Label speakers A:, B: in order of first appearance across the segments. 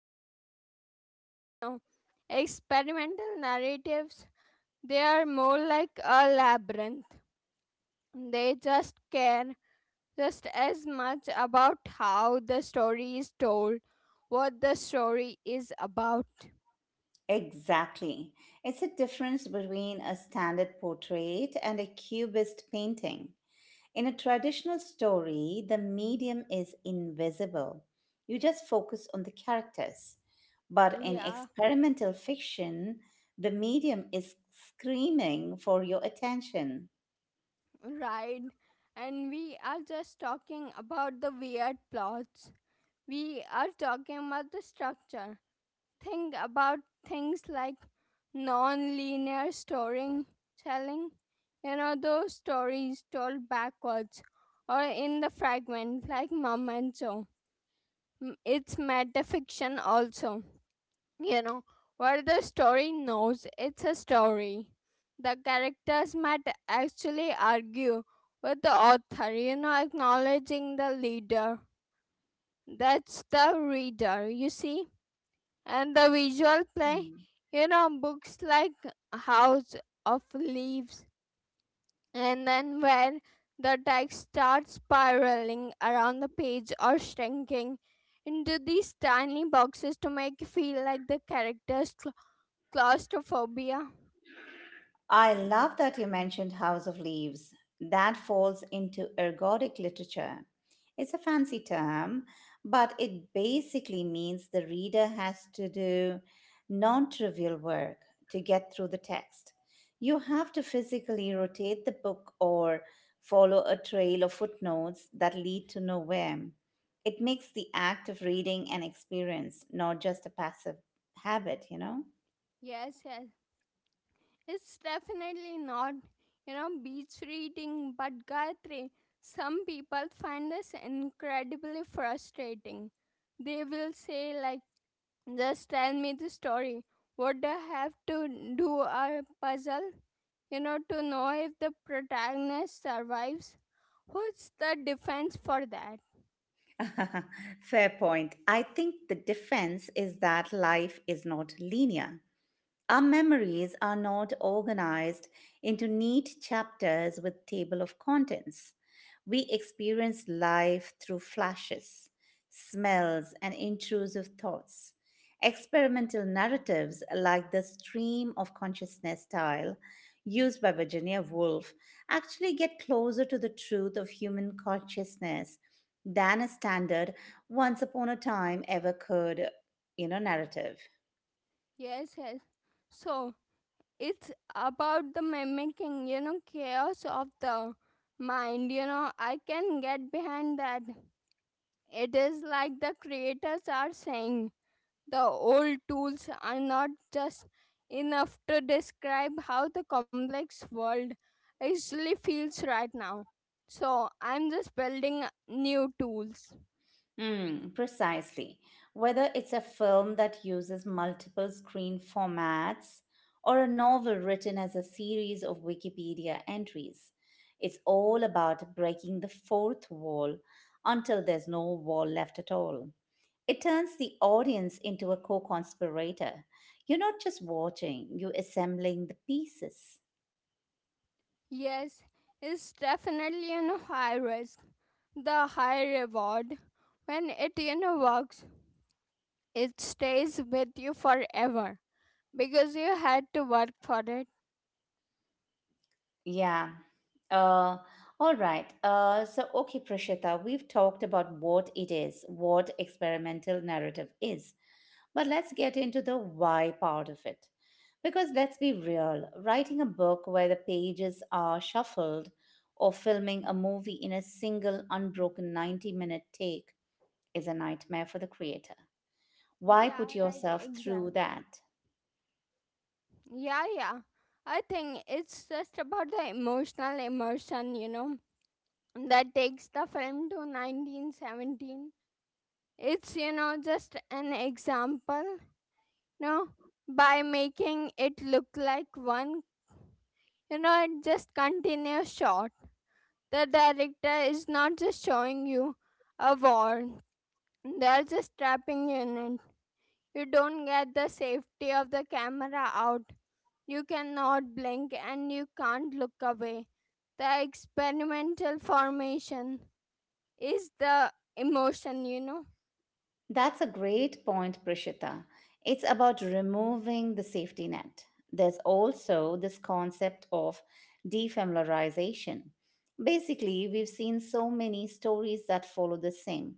A: to B. But you know, experimental narratives they are more like a labyrinth. They just care just as much about how the story is told, what the story is about.
B: Exactly. It's a difference between a standard portrait and a cubist painting. In a traditional story, the medium is invisible. You just focus on the characters. But in
A: Yeah,
B: experimental fiction, the medium is screaming for your attention.
A: right. And we are just talking about the weird plots. We are talking about the structure. Think about things like non linear storytelling. You know, those stories told backwards or in the fragment, like Mom and Joe. It's metafiction also. You know, while the story knows it's a story, the characters might actually argue with the author, you know, acknowledging the leader. That's the reader, you see. And the visual play,
B: Hmm.
A: you know, books like House of Leaves, and then where the text starts spiraling around the page or shrinking into these tiny boxes to make you feel like the characters claustrophobia.
B: I love that you mentioned House of Leaves. That falls into ergodic literature. It's a fancy term, but it basically means the reader has to do non trivial work to get through the text. You have to physically rotate the book or follow a trail of footnotes that lead to nowhere. It makes the act of reading an experience, not just a passive habit, you know?
A: Yes, yes. It's definitely not, you know, beach reading, but Gayatri, some people find this incredibly frustrating. They will say, like, just tell me the story. Would I have to do a puzzle, you know, to know if the protagonist survives? What's the defense for that?
B: Fair point. I think the difference is that life is not linear. Our memories are not organized into neat chapters with table of contents. We experience life through flashes, smells, and intrusive thoughts. Experimental narratives like the stream of consciousness style used by Virginia Woolf actually get closer to the truth of human consciousness than a standard once upon a time ever could, narrative.
A: Yes, yes. So, it's about the mimicking you know chaos of the mind, you know, I can get behind that. It is like the creators are saying the old tools are not just enough to describe how the complex world actually feels right now. So I'm just building new tools.
B: Mm, precisely. Whether it's a film that uses multiple screen formats or a novel written as a series of Wikipedia entries, it's all about breaking the fourth wall until there's no wall left at all. It turns the audience into a co conspirator. You're not just watching, you're assembling the pieces.
A: Yes, it's definitely you know high risk, the high reward. When it you know works, it stays with you forever because you had to work for it.
B: Yeah. Uh, all right. Okay, Prashita, we've talked about what it is, what experimental narrative is, but let's get into the why part of it. Because let's be real, writing a book where the pages are shuffled or filming a movie in a single unbroken 90-minute take is a nightmare for the creator. Why put
A: Yeah, right,
B: yourself
A: exact.
B: through that?
A: Yeah, yeah. I think it's just about the emotional immersion, you know, that takes the film to 1917. It's, you know, just an example, no? By making it look like one, you know, it just continuous shot. The director is not just showing you a war, they're just trapping you in. You don't get the safety of the camera out. You cannot blink and you can't look away. The experimental formation is the emotion, you know.
B: That's a great point, Prishita. It's about removing the safety net. There's also this concept of defamiliarization. Basically, we've seen so many stories that follow the same,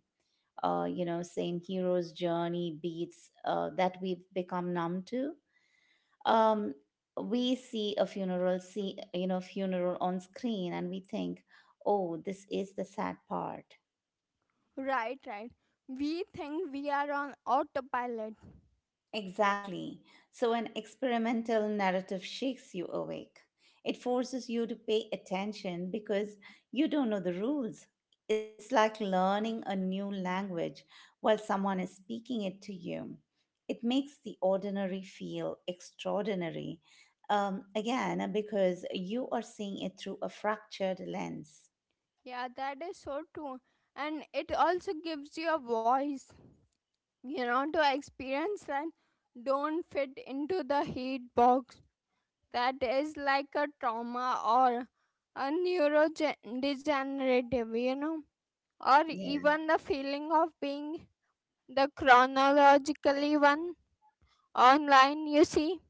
B: same hero's journey beats that we've become numb to. Um, we see a funeral, see funeral on screen, and we think, oh, this is the sad part.
A: Right, right. We think we are on autopilot.
B: Exactly. So, an experimental narrative shakes you awake. It forces you to pay attention because you don't know the rules. It's like learning a new language while someone is speaking it to you. It makes the ordinary feel extraordinary, again, because you are seeing it through a fractured lens.
A: Yeah, that is so true. And it also gives you a voice. You know, to experience that don't fit into the heat box, that is like a trauma or a neurodegenerative, you know, or
B: Yeah.
A: even the feeling of being the chronologically one online, you see,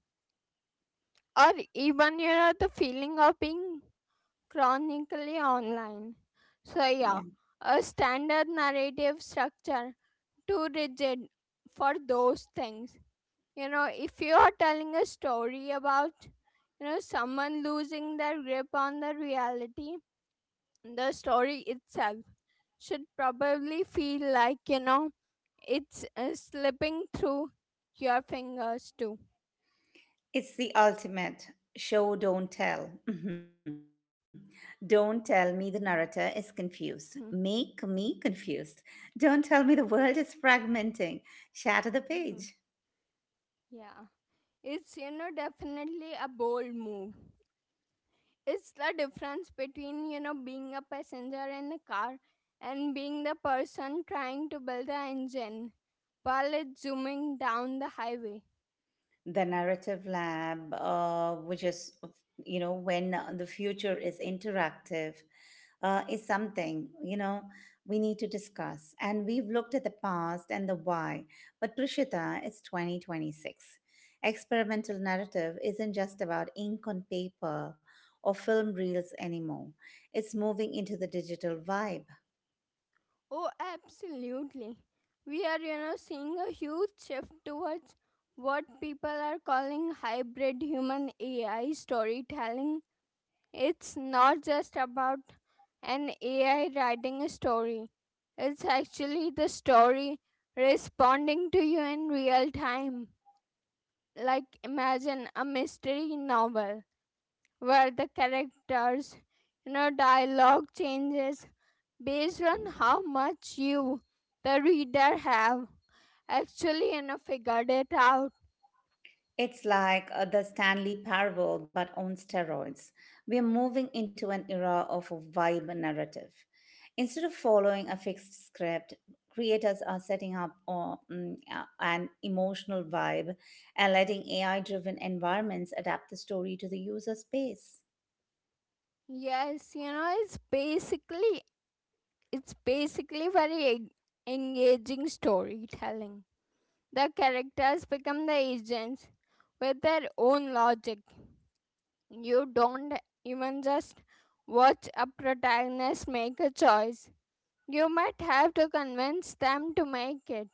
A: or even, you know, the feeling of being chronically online. So, yeah,
B: Yeah.
A: a standard narrative structure too rigid for those things. You know, if you are telling a story about you know someone losing their grip on the reality, the story itself should probably feel like you know it's slipping through your fingers too.
B: It's the ultimate show, don't tell. Mhm. Don't tell me the narrator is confused. Make me
A: Mhm,
B: confused. Don't tell me the world is fragmenting. Shatter the page.
A: mhm. Yeah, it's you know definitely a bold move. It's the difference between you know being a passenger in a car and being the person trying to build the engine while it's zooming down the highway.
B: The narrative lab, which is, when the future is interactive, is something, we need to discuss. And we've looked at the past and the why, but Prishita, it's 2026. Experimental narrative isn't just about ink on paper or film reels anymore, it's moving into the digital vibe.
A: Oh, absolutely. We are, you know, seeing a huge shift towards what people are calling hybrid human AI storytelling. It's not just about an AI writing a story, it's actually the story responding to you in real time. Like, imagine a mystery novel where the characters, you know, dialogue changes based on how much you, the reader, have actually you know figured it out.
B: It's like the Stanley Parable, but on steroids. We're moving into an era of a vibe narrative. Instead of following a fixed script, creators are setting up an emotional vibe and letting AI driven environments adapt the story to the user's pace.
A: Yes, you know it's basically very engaging storytelling. The characters become the agents with their own logic. You don't even just watch a protagonist make a choice. You might have to convince them to make it.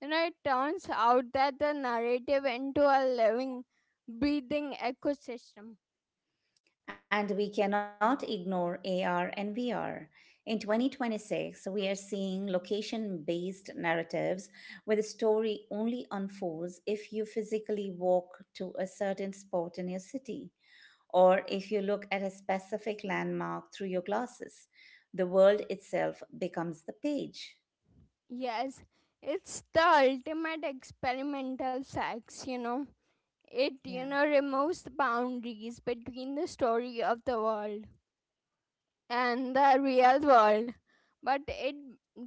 A: You know, it turns out that the narrative into a living, breathing ecosystem.
B: And we cannot ignore AR and VR. In 2026, we are seeing location based narratives where the story only unfolds if you physically walk to a certain spot in your city or if you look at a specific landmark through your glasses. The world itself becomes the page.
A: Yes, it's the ultimate experimental sex, you know. It, you
B: Yeah.
A: know, removes the boundaries between the story of the world and the real world. But it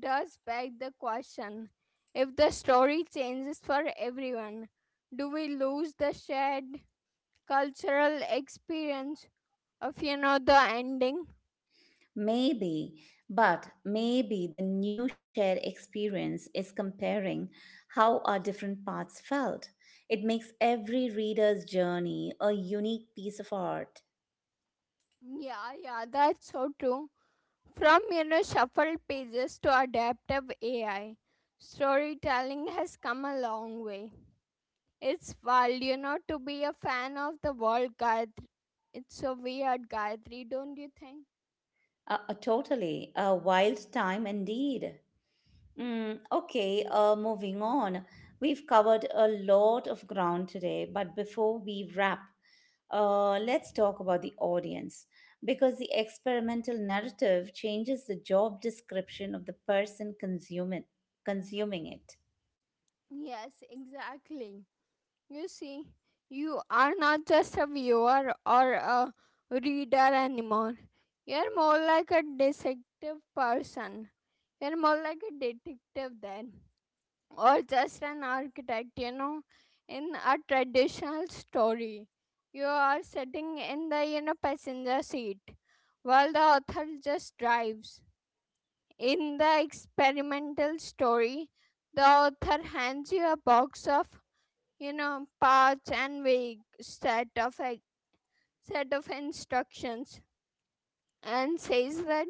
A: does beg the question, if the story changes for everyone, do we lose the shared cultural experience of, you know, the ending?
B: Maybe, but maybe the new shared experience is comparing how our different paths felt. It makes every reader's journey a unique piece of art.
A: Yeah, yeah, that's so true. From you know shuffled pages to adaptive AI, storytelling has come a long way. It's wild, you know, to be a fan of the world Gayatri. It's so weird, Gayatri, don't you think?
B: A totally a wild time indeed. Mm, okay, moving on. We've covered a lot of ground today, but before we wrap, let's talk about the audience because the experimental narrative changes the job description of the person consuming consuming it.
A: Yes, exactly. You see, you are not just a viewer or a reader anymore. You're more like a detective person. You're more like a detective then. Or just an architect, you know, in a traditional story. You are sitting in the, you know, passenger seat while the author just drives. In the experimental story, the author hands you a box of, you know, parts and vague set of instructions and says that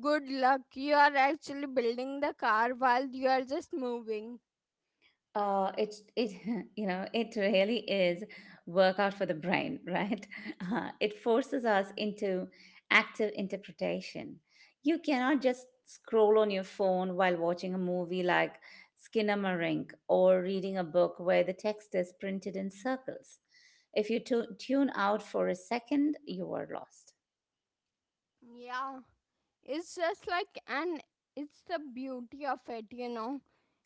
A: good luck. You are actually building the car while you are just moving.
B: It you know it really is workout for the brain, right? It forces us into active interpretation. You cannot just scroll on your phone while watching a movie like Skinnamarink or reading a book where the text is printed in circles. If you tune out for a second, you are lost.
A: Yeah. It's just like, and it's the beauty of it, you know.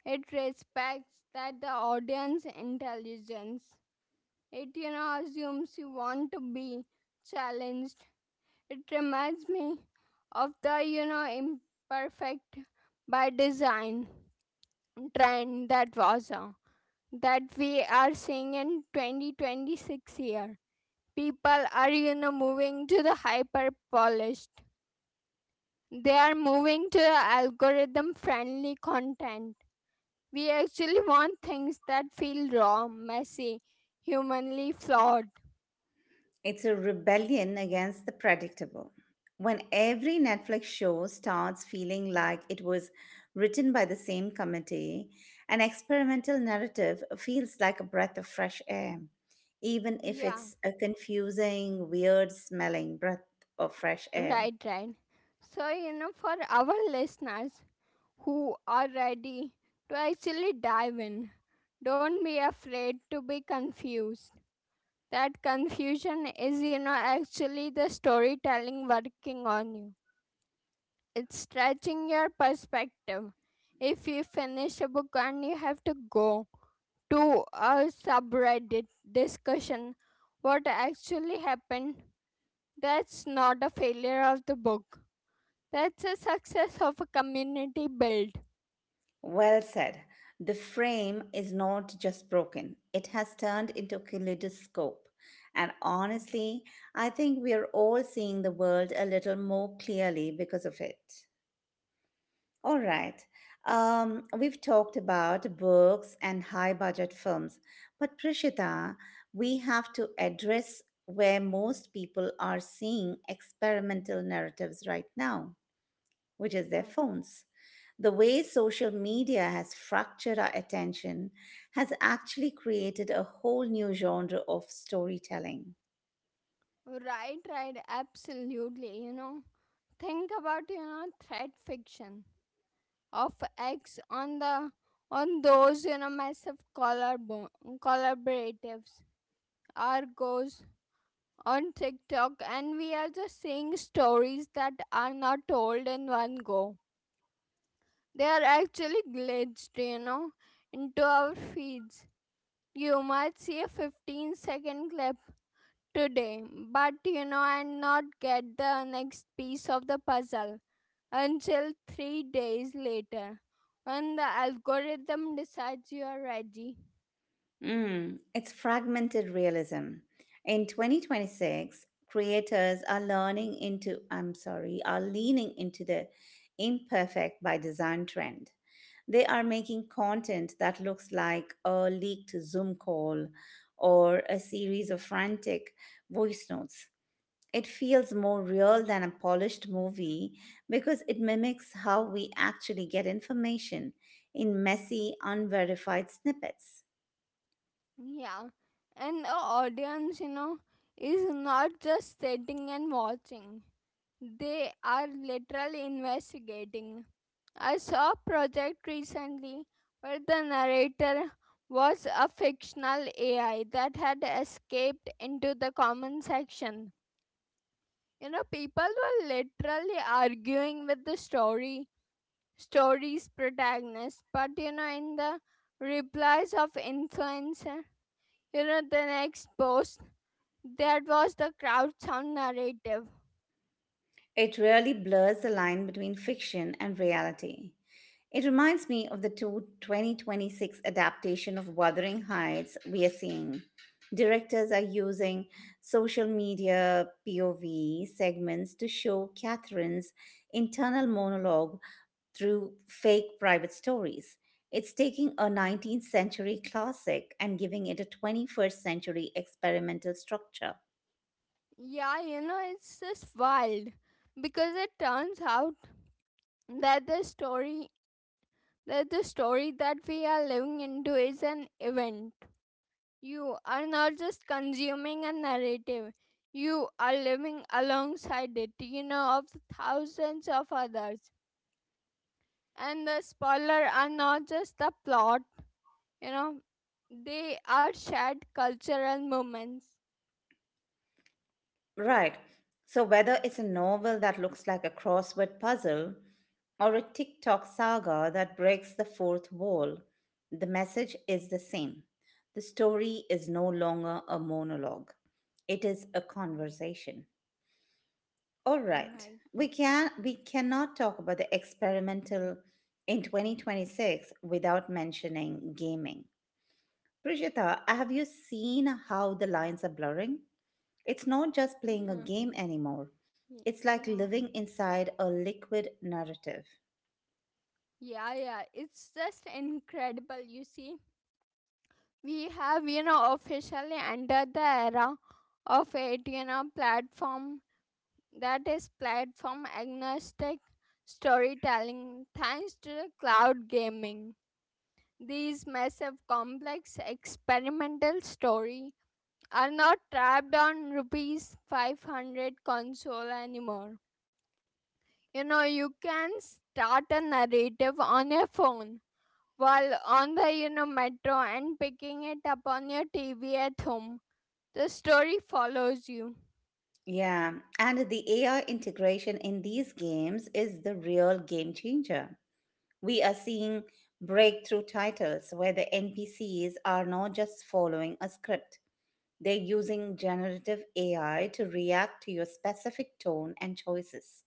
A: It respects that the audience intelligence. It, you know, assumes you want to be challenged. It reminds me of the, you know, imperfect by design trend that was that we are seeing in 2026 year. People are, you know, moving to the hyper polished. They are moving to algorithm friendly content. We actually want things that feel raw, messy, humanly flawed.
B: It's a rebellion against the predictable. When every Netflix show starts feeling like it was written by the same committee, an experimental narrative feels like a breath of fresh air, even if
A: Yeah,
B: it's a confusing, weird smelling breath of fresh air.
A: right, right. So, you know, for our listeners who are ready to actually dive in, don't be afraid to be confused. That confusion is, you know, actually the storytelling working on you. It's stretching your perspective. If you finish a book and you have to go to a subreddit discussion, what actually happened, that's not a failure of the book. That's a success of a community build.
B: Well said. The frame is not just broken, it has turned into a kaleidoscope. And honestly, I think we are all seeing the world a little more clearly because of it. All right. We've talked about books and high budget films, but Prishita, we have to address where most people are seeing experimental narratives right now which is their
A: Right,
B: phones. The way social media has fractured our attention has actually created a whole new genre of storytelling.
A: right, right, absolutely. You know, think about you know thread fiction of X, on the on those you know massive collarbone collaboratives, Argos, on TikTok, and we are just seeing stories that are not told in one go. They are actually glitched, you know, into our feeds. You might see a 15-second clip today, but you know, and not get the next piece of the puzzle until 3 days later when the algorithm decides you are ready.
B: Mm, it's fragmented realism. In 2026, creators are learning into, I'm sorry, are leaning into the imperfect by design trend. They are making content that looks like a leaked Zoom call or a series of frantic voice notes. It feels more real than a polished movie because it mimics how we actually get information in messy, unverified snippets.
A: Yeah, and the audience, you know, is not just sitting and watching. They are literally investigating. I saw a project recently where the narrator was a fictional AI that had escaped into the comment section. You know, people were literally arguing with story's protagonist, but you know, in the replies of influencer, you know, the next post, that was the crowd sound narrative.
B: It really blurs the line between fiction and reality. It reminds me of the two 2026 adaptation of Wuthering Heights we are seeing. Directors are using social media POV segments to show Catherine's internal monologue through fake private stories. It's taking a 19th century classic and giving it a 21st century experimental structure.
A: Yeah, you know, it's just wild because it turns out that the story that the story that we are living into is an event. You are not just consuming a narrative. You are living alongside it, you know, of the thousands of others. And the spoiler are not just the plot, you know, they are shared cultural moments.
B: Right. So whether it's a novel that looks like a crossword puzzle or a TikTok saga that breaks the fourth wall, the message is the same. The story is no longer a monologue. It is a conversation. All right.
A: Right.
B: We cannot talk about the experimental in 2026 without mentioning gaming. Prishita, have you seen how the lines are blurring? It's not just playing a game anymore.
A: Y-
B: It's like
A: yeah.
B: living inside a liquid narrative.
A: Yeah, yeah, it's just incredible. You see, we have, you know, officially entered the era of it, you know, platform that is platform agnostic storytelling thanks to the cloud gaming. These massive, complex, experimental story are not trapped on rupees 500 console anymore. You know, you can start a narrative on your phone while on the you know metro and picking it up on your TV at home. The story follows you.
B: Yeah, and the AI integration in these games is the real game changer. We are seeing breakthrough titles where the NPCs are not just following a script, they're using generative AI to react to your specific tone and choices.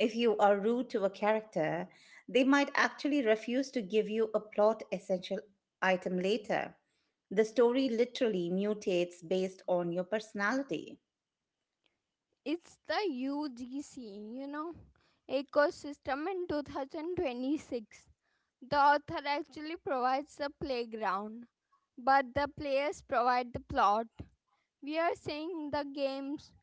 B: If you are rude to a character, they might actually refuse to give you a plot essential item later. The story literally mutates based on your personality.
A: It's the UGC, you know, ecosystem in 2026. The author actually provides the playground, but the players provide the plot. We are seeing the games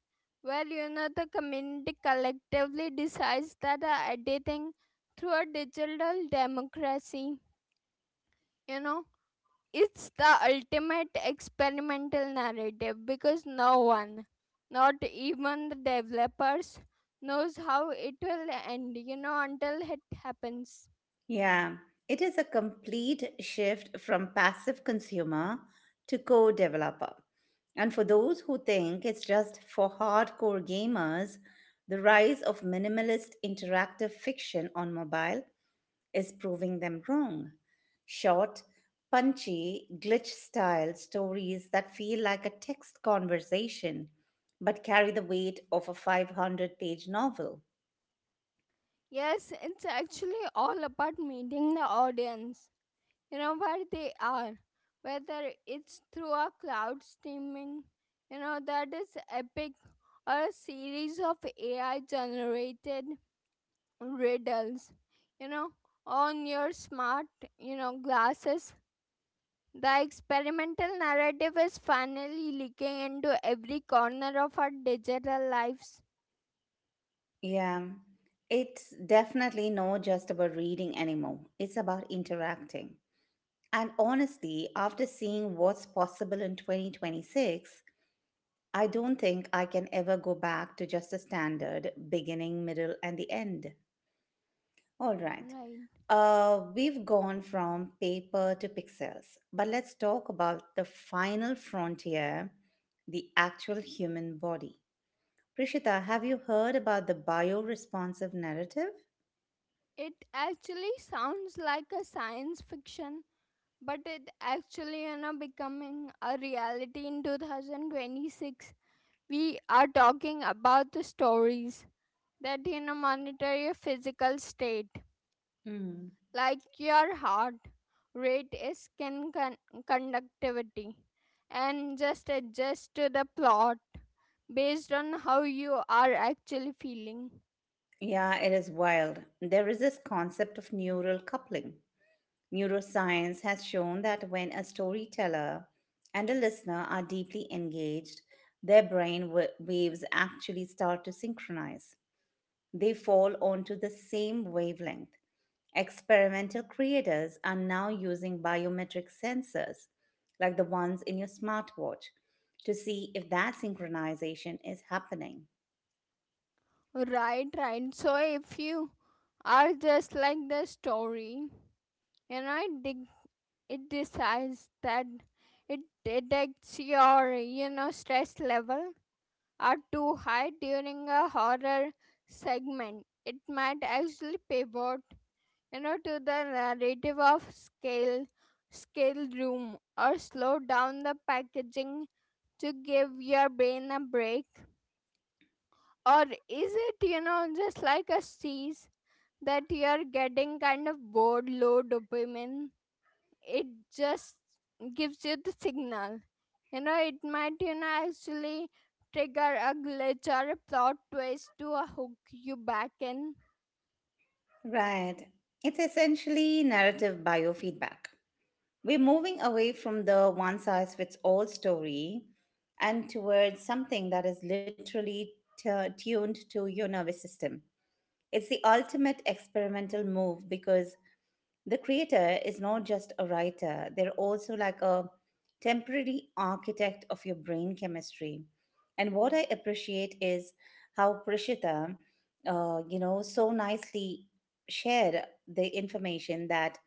A: where you know the community collectively decides that are editing through a digital democracy you know. It's the ultimate experimental narrative because no one, not even the developers, knows how it will end, you know, until it happens.
B: Yeah, it is a complete shift from passive consumer to co developer. And for those who think it's just for hardcore gamers, the rise of minimalist interactive fiction on mobile is proving them wrong. Short, punchy, glitch style stories that feel like a text conversation but carry the weight of a 500-page novel.
A: Yes, it's actually all about meeting the audience, you know, where they are, whether it's through a cloud streaming, you know, that is epic, or a series of AI generated riddles, you know, on your smart, you know, glasses. The experimental narrative is finally leaking into every corner of our digital lives.
B: Yeah, it's definitely not just about reading anymore, it's about interacting. And honestly, after seeing what's possible in 2026, I don't think I can ever go back to just a standard beginning, middle, and the end. All right.
A: Right,
B: We've gone from paper to pixels, but let's talk about the final frontier, the actual human body. Prishita, have you heard about the bioresponsive narrative?
A: it actually sounds like a science fiction, but it actually, you know, becoming a reality in 2026. We are talking about the stories that, you know, monitor your physical state,
B: Mm.
A: like your heart rate, conductivity, and just adjust to the plot based on how you are actually feeling.
B: Yeah, it is wild. There is this concept of neural coupling. Neuroscience has shown that when a storyteller and a listener are deeply engaged, their brain waves actually start to synchronize. They fall onto the same wavelength. Experimental creators are now using biometric sensors, like the ones in your smartwatch, to see if that synchronization is happening.
A: Right, right, so if you are just like the story, you know, it decides that it detects your, you know, stress level are too high during a horror segment, it might actually pivot, you know, to the narrative of scale room, or slow down the packaging to give your brain a break. Or is it, you know, just like a cease that you're getting kind of bored, low dopamine, it just gives you the signal, you know, it might, you know, actually trigger a glitch or a plot twist to hook you back in.
B: Right. It's essentially narrative biofeedback. We're moving away from the one size fits all story and towards something that is literally tuned to your nervous system. It's the ultimate experimental move because the creator is not just a writer, they're also like a temporary architect of your brain chemistry. And what I appreciate is how Prishita, so nicely shared the information that,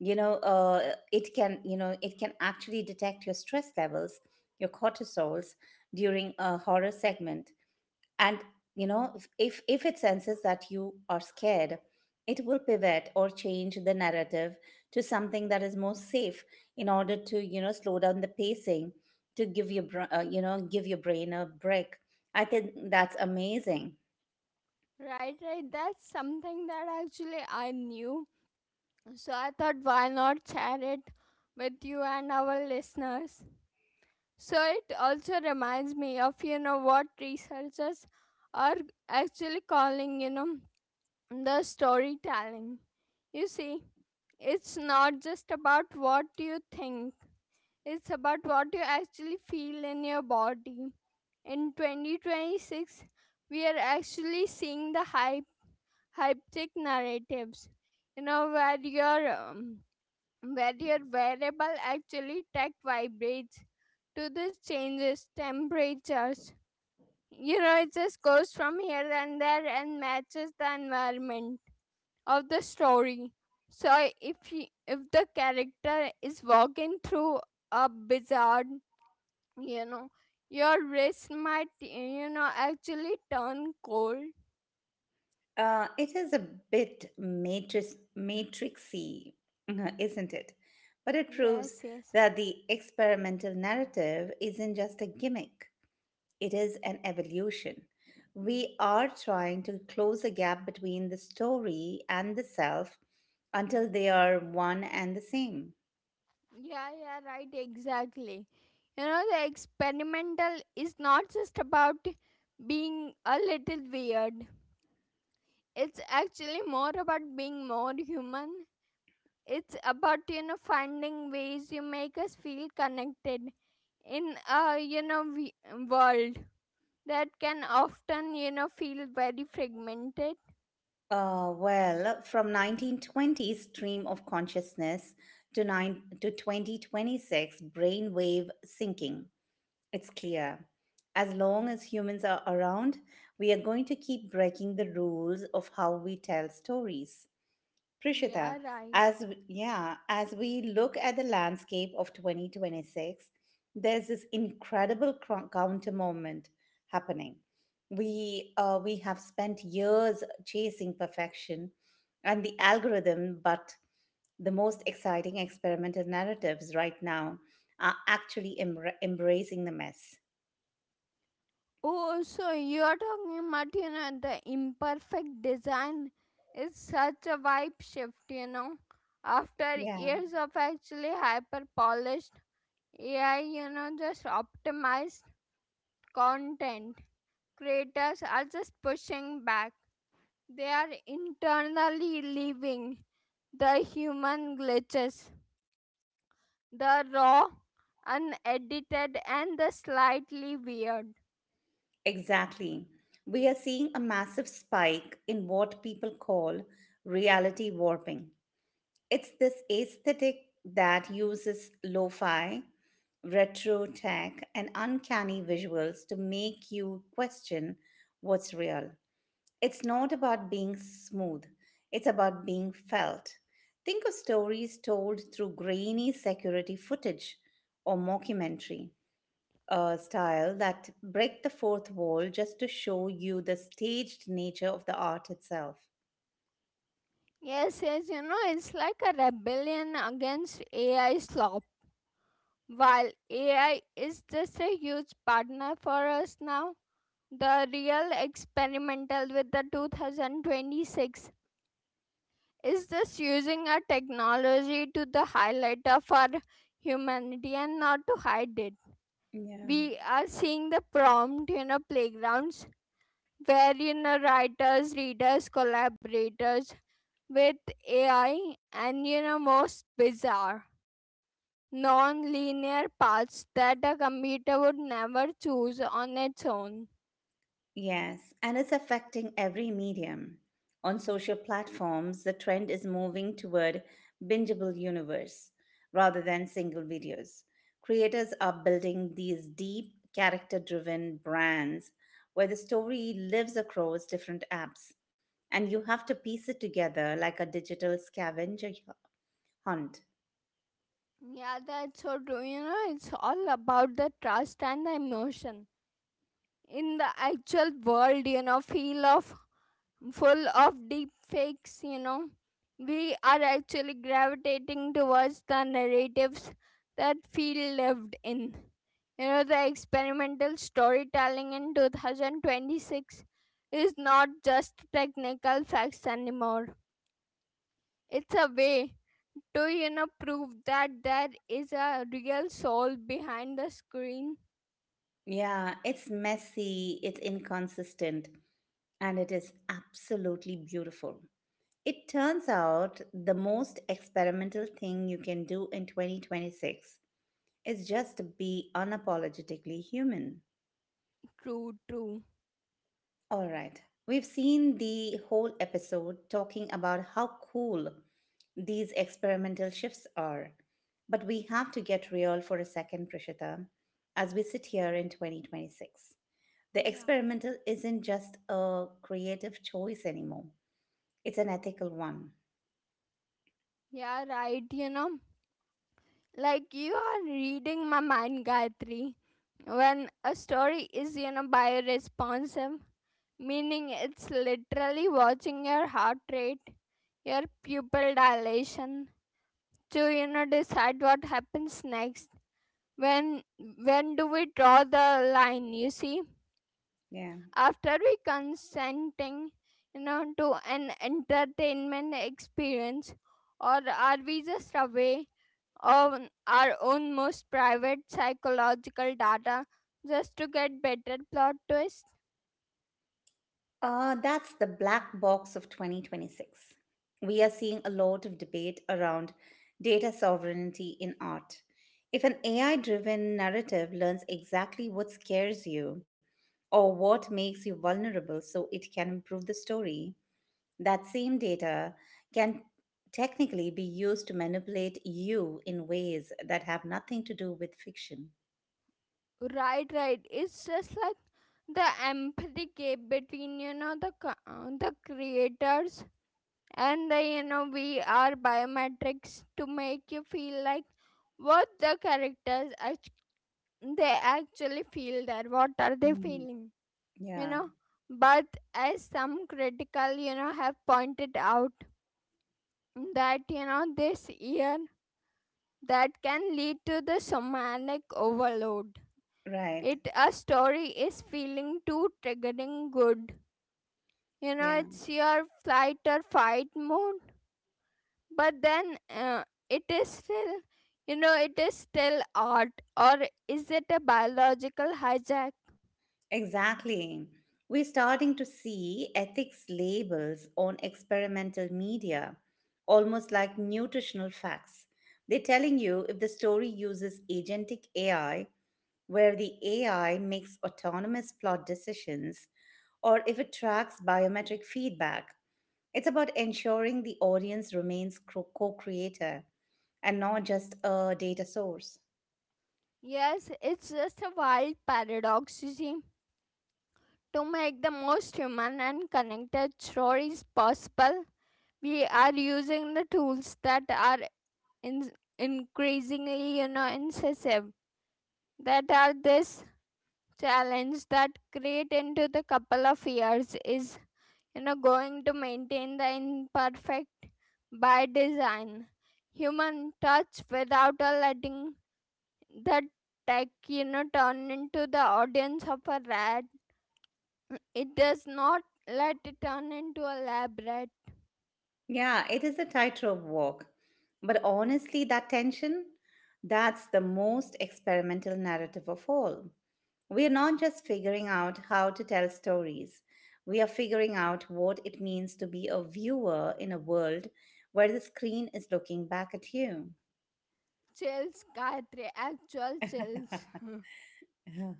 B: it can, it can actually detect your stress levels, your cortisols during a horror segment and you know if it senses that you are scared it will pivot or change the narrative to something that is more safe in order to you know slow down the pacing to give your you know give your brain a break. I think that's amazing.
A: Right, right, that's something that actually I knew. So I thought, why not share it with you and our listeners? So it also reminds me of, you know, what researchers are actually calling, you know, the storytelling. You see, it's not just about what you think, it's about what you actually feel in your body. In 2026, we are actually seeing the hyptic narratives, you know, where your wearable actually tech vibrates to these changes temperatures, you know, it just goes from here and there and matches the environment of the story. So if you, if the character is walking through a bizarre, you know, your wrist might, you know, actually turn cold.
B: It is a bit matrix matrixy isn't it but it proves
A: Yes, yes.
B: that the experimental narrative isn't just a gimmick. It is an evolution. We are trying to close the gap between the story and the self until they are one and the same.
A: Yeah, yeah, right, exactly. You know, the experimental is not just about being a little weird, it's actually more about being more human. It's about, you know, finding ways you make us feel connected in a, you know, world that can often, you know, feel very fragmented.
B: Well, from 1920s stream of consciousness to, nine, to 2026 brainwave syncing, it's clear. As long as humans are around, we are going to keep breaking the rules of how we tell stories.
A: Yeah,
B: Prishita,
A: right.
B: as we look at the landscape of 2026, there's this incredible counter moment happening. We have spent years chasing perfection and the algorithm, but the most exciting experimental narratives right now are actually embracing the mess.
A: Oh, so you're talking about, you know, the imperfect design is such a vibe shift, you know. After
B: Yeah,
A: years of actually hyper polished AI, you know, just optimized content, creators are just pushing back. They are internally leaving the human glitches, the raw, unedited, and the slightly weird.
B: exactly. We are seeing a massive spike in what people call reality warping. It's this aesthetic that uses lo fi, retro tech, and uncanny visuals to make you question what's real. It's not about being smooth, it's about being felt. Think of stories told through grainy security footage or mockumentary style that break the fourth wall just to show you the staged nature of the art itself.
A: Yes, yes, you know, it's like a rebellion against AI slop. While AI is just a huge partner for us now, the real experimental with the 2026 is just using our technology to the highlight of our humanity and not to hide it.
B: Yeah.
A: We are seeing the prompt, you know, playgrounds wherein writers, readers, collaborators with AI, and you know most bizarre non-linear paths that a computer would never choose on its own.
B: Yes, and it's affecting every medium. On social platforms, the trend is moving toward bingeable universe rather than single videos. Creators are building these deep, character-driven brands where the story lives across different apps, and you have to piece it together like a digital scavenger hunt.
A: Yeah, that's so true. You know, it's all about the trust and the emotion. In the actual world, you know, feel of full of deep fakes, you know, we are actually gravitating towards the narratives that feel lived in. You know, the experimental storytelling in 2026 is not just technical facts anymore. It's a way to, you know, prove that there is a real soul behind the screen.
B: Yeah, it's messy, it's inconsistent, and it is absolutely beautiful. It turns out the most experimental thing you can do in 2026 is just be unapologetically human.
A: True, true.
B: All right, we've seen the whole episode talking about how cool these experimental shifts are. But we have to get real for a second, Prishita, as we sit here in 2026. The experimental isn't just a creative choice anymore, it's an ethical one.
A: Yeah, right, you know. Like you are reading my mind, Gayatri. When a story is, you know, bioresponsive, meaning it's literally watching your heart rate, your pupil dilation, to, you know, decide what happens next. When when do we draw the line, you see?
B: Yeah.
A: After we consenting, you know, to an entertainment experience, or are we just away on our own most private psychological data just to get better plot twist?
B: That's the black box of 2026. We are seeing a lot of debate around data sovereignty in art. If an AI driven narrative learns exactly what scares you or what makes you vulnerable so it can improve the story, that same data can technically be used to manipulate you in ways that have nothing to do with fiction.
A: Right, right. It's just like the empathy gap between, you know, the creators and the, you know, we are biometrics to make you feel like what the characters they actually feel there. What are they
B: Hmm.
A: feeling? You
B: Yeah,
A: know, but as some critical, you know, have pointed out that, you know, this year that can lead to the somatic overload.
B: right.
A: It a story is feeling too triggering good. You know,
B: Yeah.
A: it's your flight or fight mode. But then it is still, you know, it is still art. Or is it a biological hijack?
B: Exactly. We're starting to see ethics labels on experimental media, almost like nutritional facts. They're telling you if the story uses agentic AI, where the AI makes autonomous plot decisions, or if it tracks biometric feedback. It's about ensuring the audience remains co creator and not just a data source.
A: Yes, it's just a wild paradox, you see. To make the most human and connected stories possible, we are using the tools that are in- increasingly, you know, incisive. That are this challenge that create into the couple of years is, you know, going to maintain the imperfect by design human touch without a letting the tech, you know, turn into the audience of a rat. It does not let it turn into a lab rat.
B: Yeah, it is a tightrope walk. But honestly, that tension, that's the most experimental narrative of all. We are not just figuring out how to tell stories, we are figuring out what it means to be a viewer in a world where the screen is looking back at you.
A: Chills, Gayatri, actual chills.
B: Uh-huh.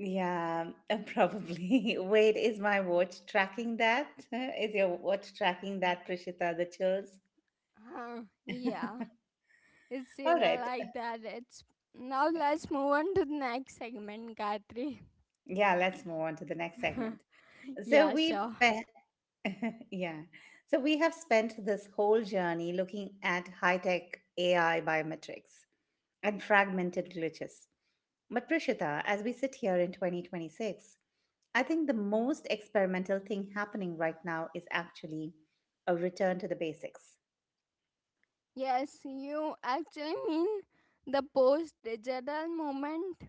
B: Yeah, probably. Wait, is my watch tracking that? Is your watch tracking that, Prishita, the chills?
A: Huh, yeah, it's,
B: All
A: you know,
B: right.
A: like that, it's. Now let's move on to the next segment, Gayatri.
B: Yeah, let's move on to the next segment. So
A: Yeah,
B: we've
A: sure.
B: spent, yeah. So we have spent this whole journey looking at high tech AI biometrics and fragmented glitches. But Prishita, as we sit here in 2026, I think the most experimental thing happening right now is actually a return to the basics.
A: Yes, you actually mean the post digital moment.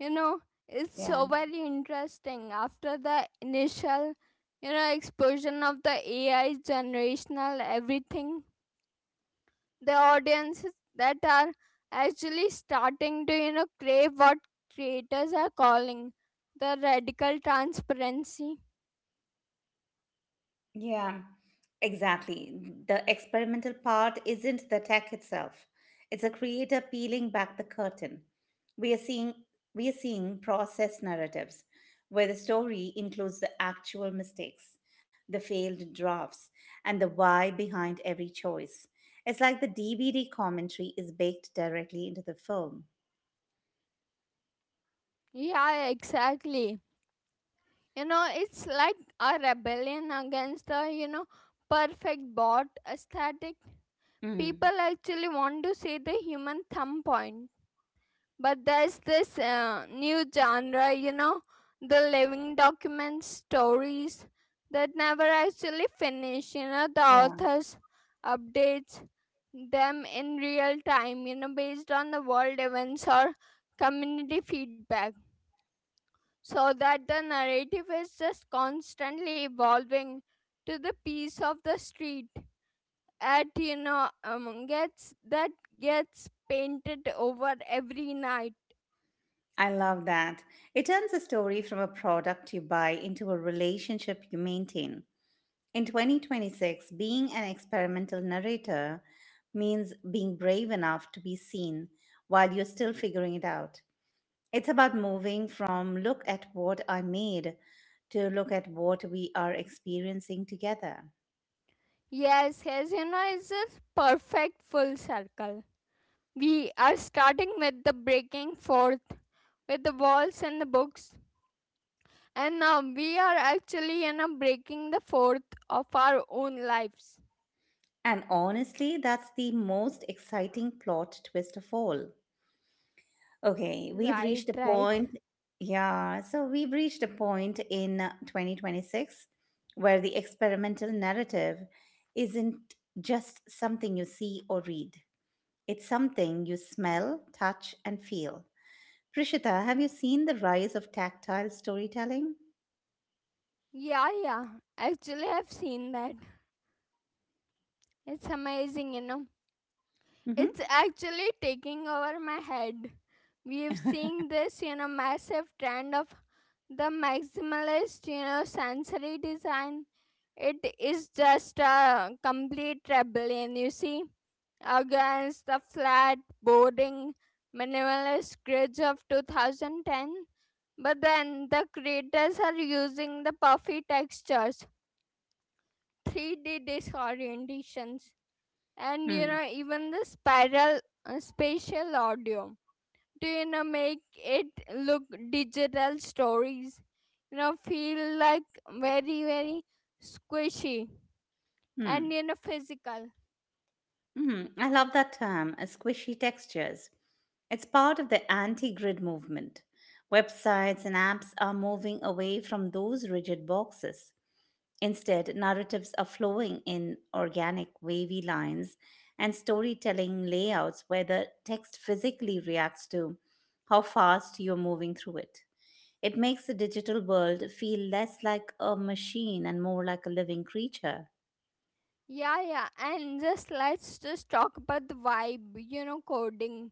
A: You know, it's
B: Yeah.
A: so very interesting after the initial, you know, explosion of the AI generational everything. The audiences that are actually starting to, you know, crave what creators are calling the radical transparency.
B: Yeah. Exactly. The experimental part isn't the tech itself. It's a creator peeling back the curtain. We are seeing we are seeing process narratives where the story includes the actual mistakes, the failed drafts, and the why behind every choice. It's like the DVD commentary is baked directly into the film.
A: Yeah, exactly. You know, it's like a rebellion against the, you know, perfect bot aesthetic.
B: Mm,
A: People actually want to see the human thumb point. But there's this new genre, you know, the living document stories that never actually finish, you know, the
B: yeah,
A: authors updates them in real time, you know, based on the world events or community feedback, so that the narrative is just constantly evolving to the piece of the street at, you know, gets that, gets painted over every night.
B: I love that. It turns a story from a product you buy into a relationship you maintain. In 2026, being an experimental narrator means being brave enough to be seen while you're still figuring it out. It's about moving from look at what I made to look at what we are experiencing together.
A: Yes, yes, you know, it's a perfect full circle. We are starting with the breaking forth with the walls and the books, and now we are actually, you know, breaking the fourth of our own lives.
B: And honestly, that's the most exciting plot twist of all. Okay, we've
A: Right,
B: reached a
A: right.
B: point. Yeah, so we've reached a point in 2026 where the experimental narrative isn't just something you see or read, it's something you smell, touch, and feel. Prishita, have you seen the rise of tactile storytelling?
A: Yeah, yeah, actually I've seen that. It's amazing, you know.
B: Mm-hmm.
A: It's actually taking over my head. We've seen this, you know, massive trend of the maximalist, you know, sensory design. It is just a complete rebellion, you see, against the flat, boring, minimalist grids of 2010. But then the creators are using the puffy textures, 3D disorientations, and you
B: Mm-hmm.
A: know even the spiral spatial audio to, you know, make it look digital stories, you know, feel like very very squishy and, you know, physical.
B: Mm-hmm. I love that term, squishy textures. It's part of the anti grid movement. Websites and apps are moving away from those rigid boxes. Instead, narratives are flowing in organic, wavy lines and storytelling layouts where the text physically reacts to how fast you're moving through it. It makes the digital world feel less like a machine and more like a living creature.
A: Yeah, yeah, and just let's just talk about the vibe, you know, coding.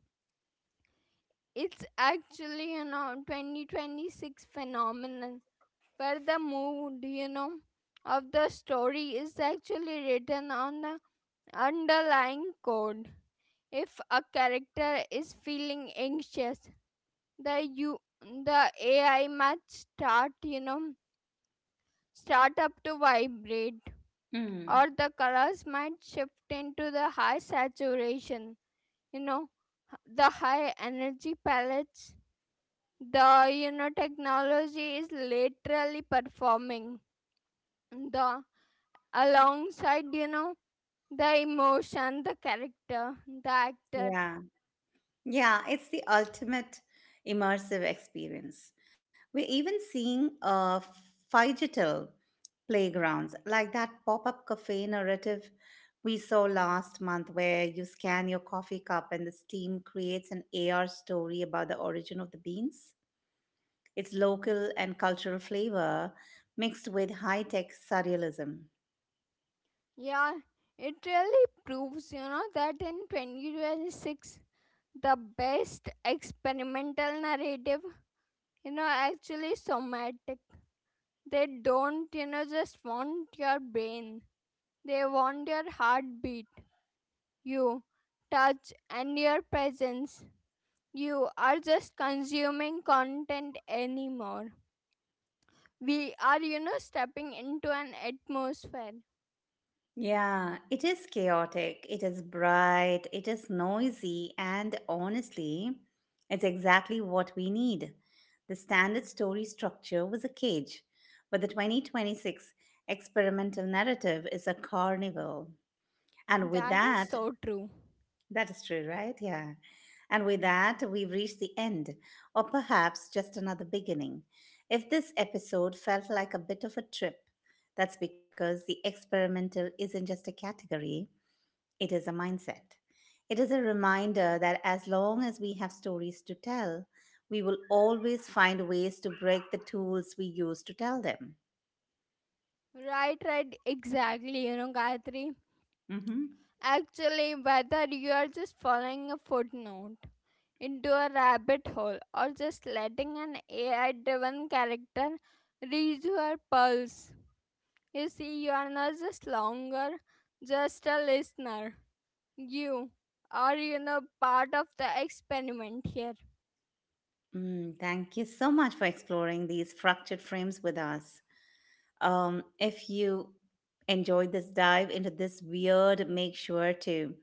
A: It's actually, you know, 2026 phenomenon where the mood, you know, of the story is actually written on the underlying code. If a character is feeling anxious, the you the AI might start, you know, start up to vibrate,
B: Mm.
A: or the colors might shift into the high saturation, you know, the high energy palettes. The, you know, technology is literally performing the alongside, you know, the emotion, the character, the actor.
B: Yeah. Yeah, it's the ultimate immersive experience. We're even seeing digital playgrounds like that pop up cafe narrative we saw last month, where you scan your coffee cup and the steam creates an AR story about the origin of the beans. It's local and cultural flavor mixed with high tech surrealism.
A: Yeah, it really proves, you know, that in 2026, the best experimental narrative, you know, actually somatic. They don't, you know, just want your brain. They want your heartbeat, you, touch, and your presence. You are just consuming content anymore. We are, you know, stepping into an atmosphere.
B: Yeah, it is chaotic, it is bright, it is noisy, and honestly, it's exactly what we need. The standard story structure was a cage, but the 2026 experimental narrative is a carnival. And with
A: That is
B: that,
A: so true.
B: that is true, right? Yeah. And with that, we've reached the end, or perhaps just another beginning. If this episode felt like a bit of a trip, that's because the experimental isn't just a category, it is a mindset. It is a reminder that as long as we have stories to tell, we will always find ways to break the tools we use to tell them.
A: Right, right, exactly, you know, Gayatri.
B: Hmm.
A: Actually, whether you are just following a footnote into a rabbit hole, or just letting an AI driven character read your pulse, you see, you are not just longer just a listener. You are, you know, part of the experiment here.
B: Mm, thank you so much for exploring these fractured frames with us. If you enjoyed this dive into this weird, make sure to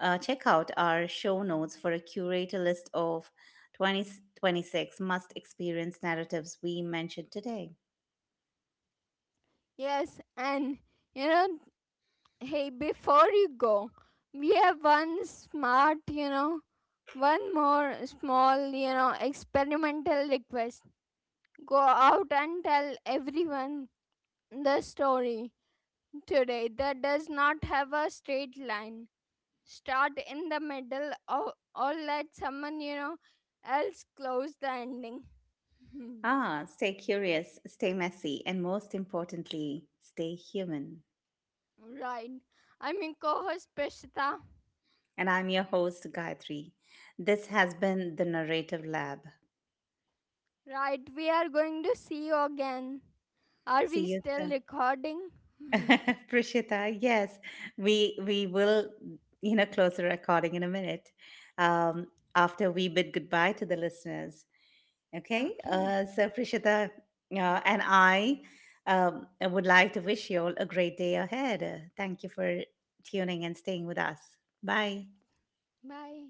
B: check out our show notes for a curated list of 2026 must experience narratives we mentioned today.
A: Yes, and you know, hey, before you go, we have one smart, you know, one more small, you know, experimental request. Go out and tell everyone the story today that does not have a straight line. Start in the middle, or let someone, you know, else close the ending.
B: Ah, stay curious, stay messy, and most importantly, stay human.
A: Hmm, right. I'm your co host, Prishita.
B: And I'm your host, Gayatri. This has been the Narrative Lab.
A: Right, we are going to see you again. Are
B: See
A: we
B: you
A: still
B: soon.
A: recording?
B: Prishita, yes, we will, close the recording in a minute um, after we bid goodbye to the listeners. Okay,
A: Okay.
B: so Prishita and I would like to wish you all a great day ahead. Thank you for tuning and staying with us. Bye.
A: Bye.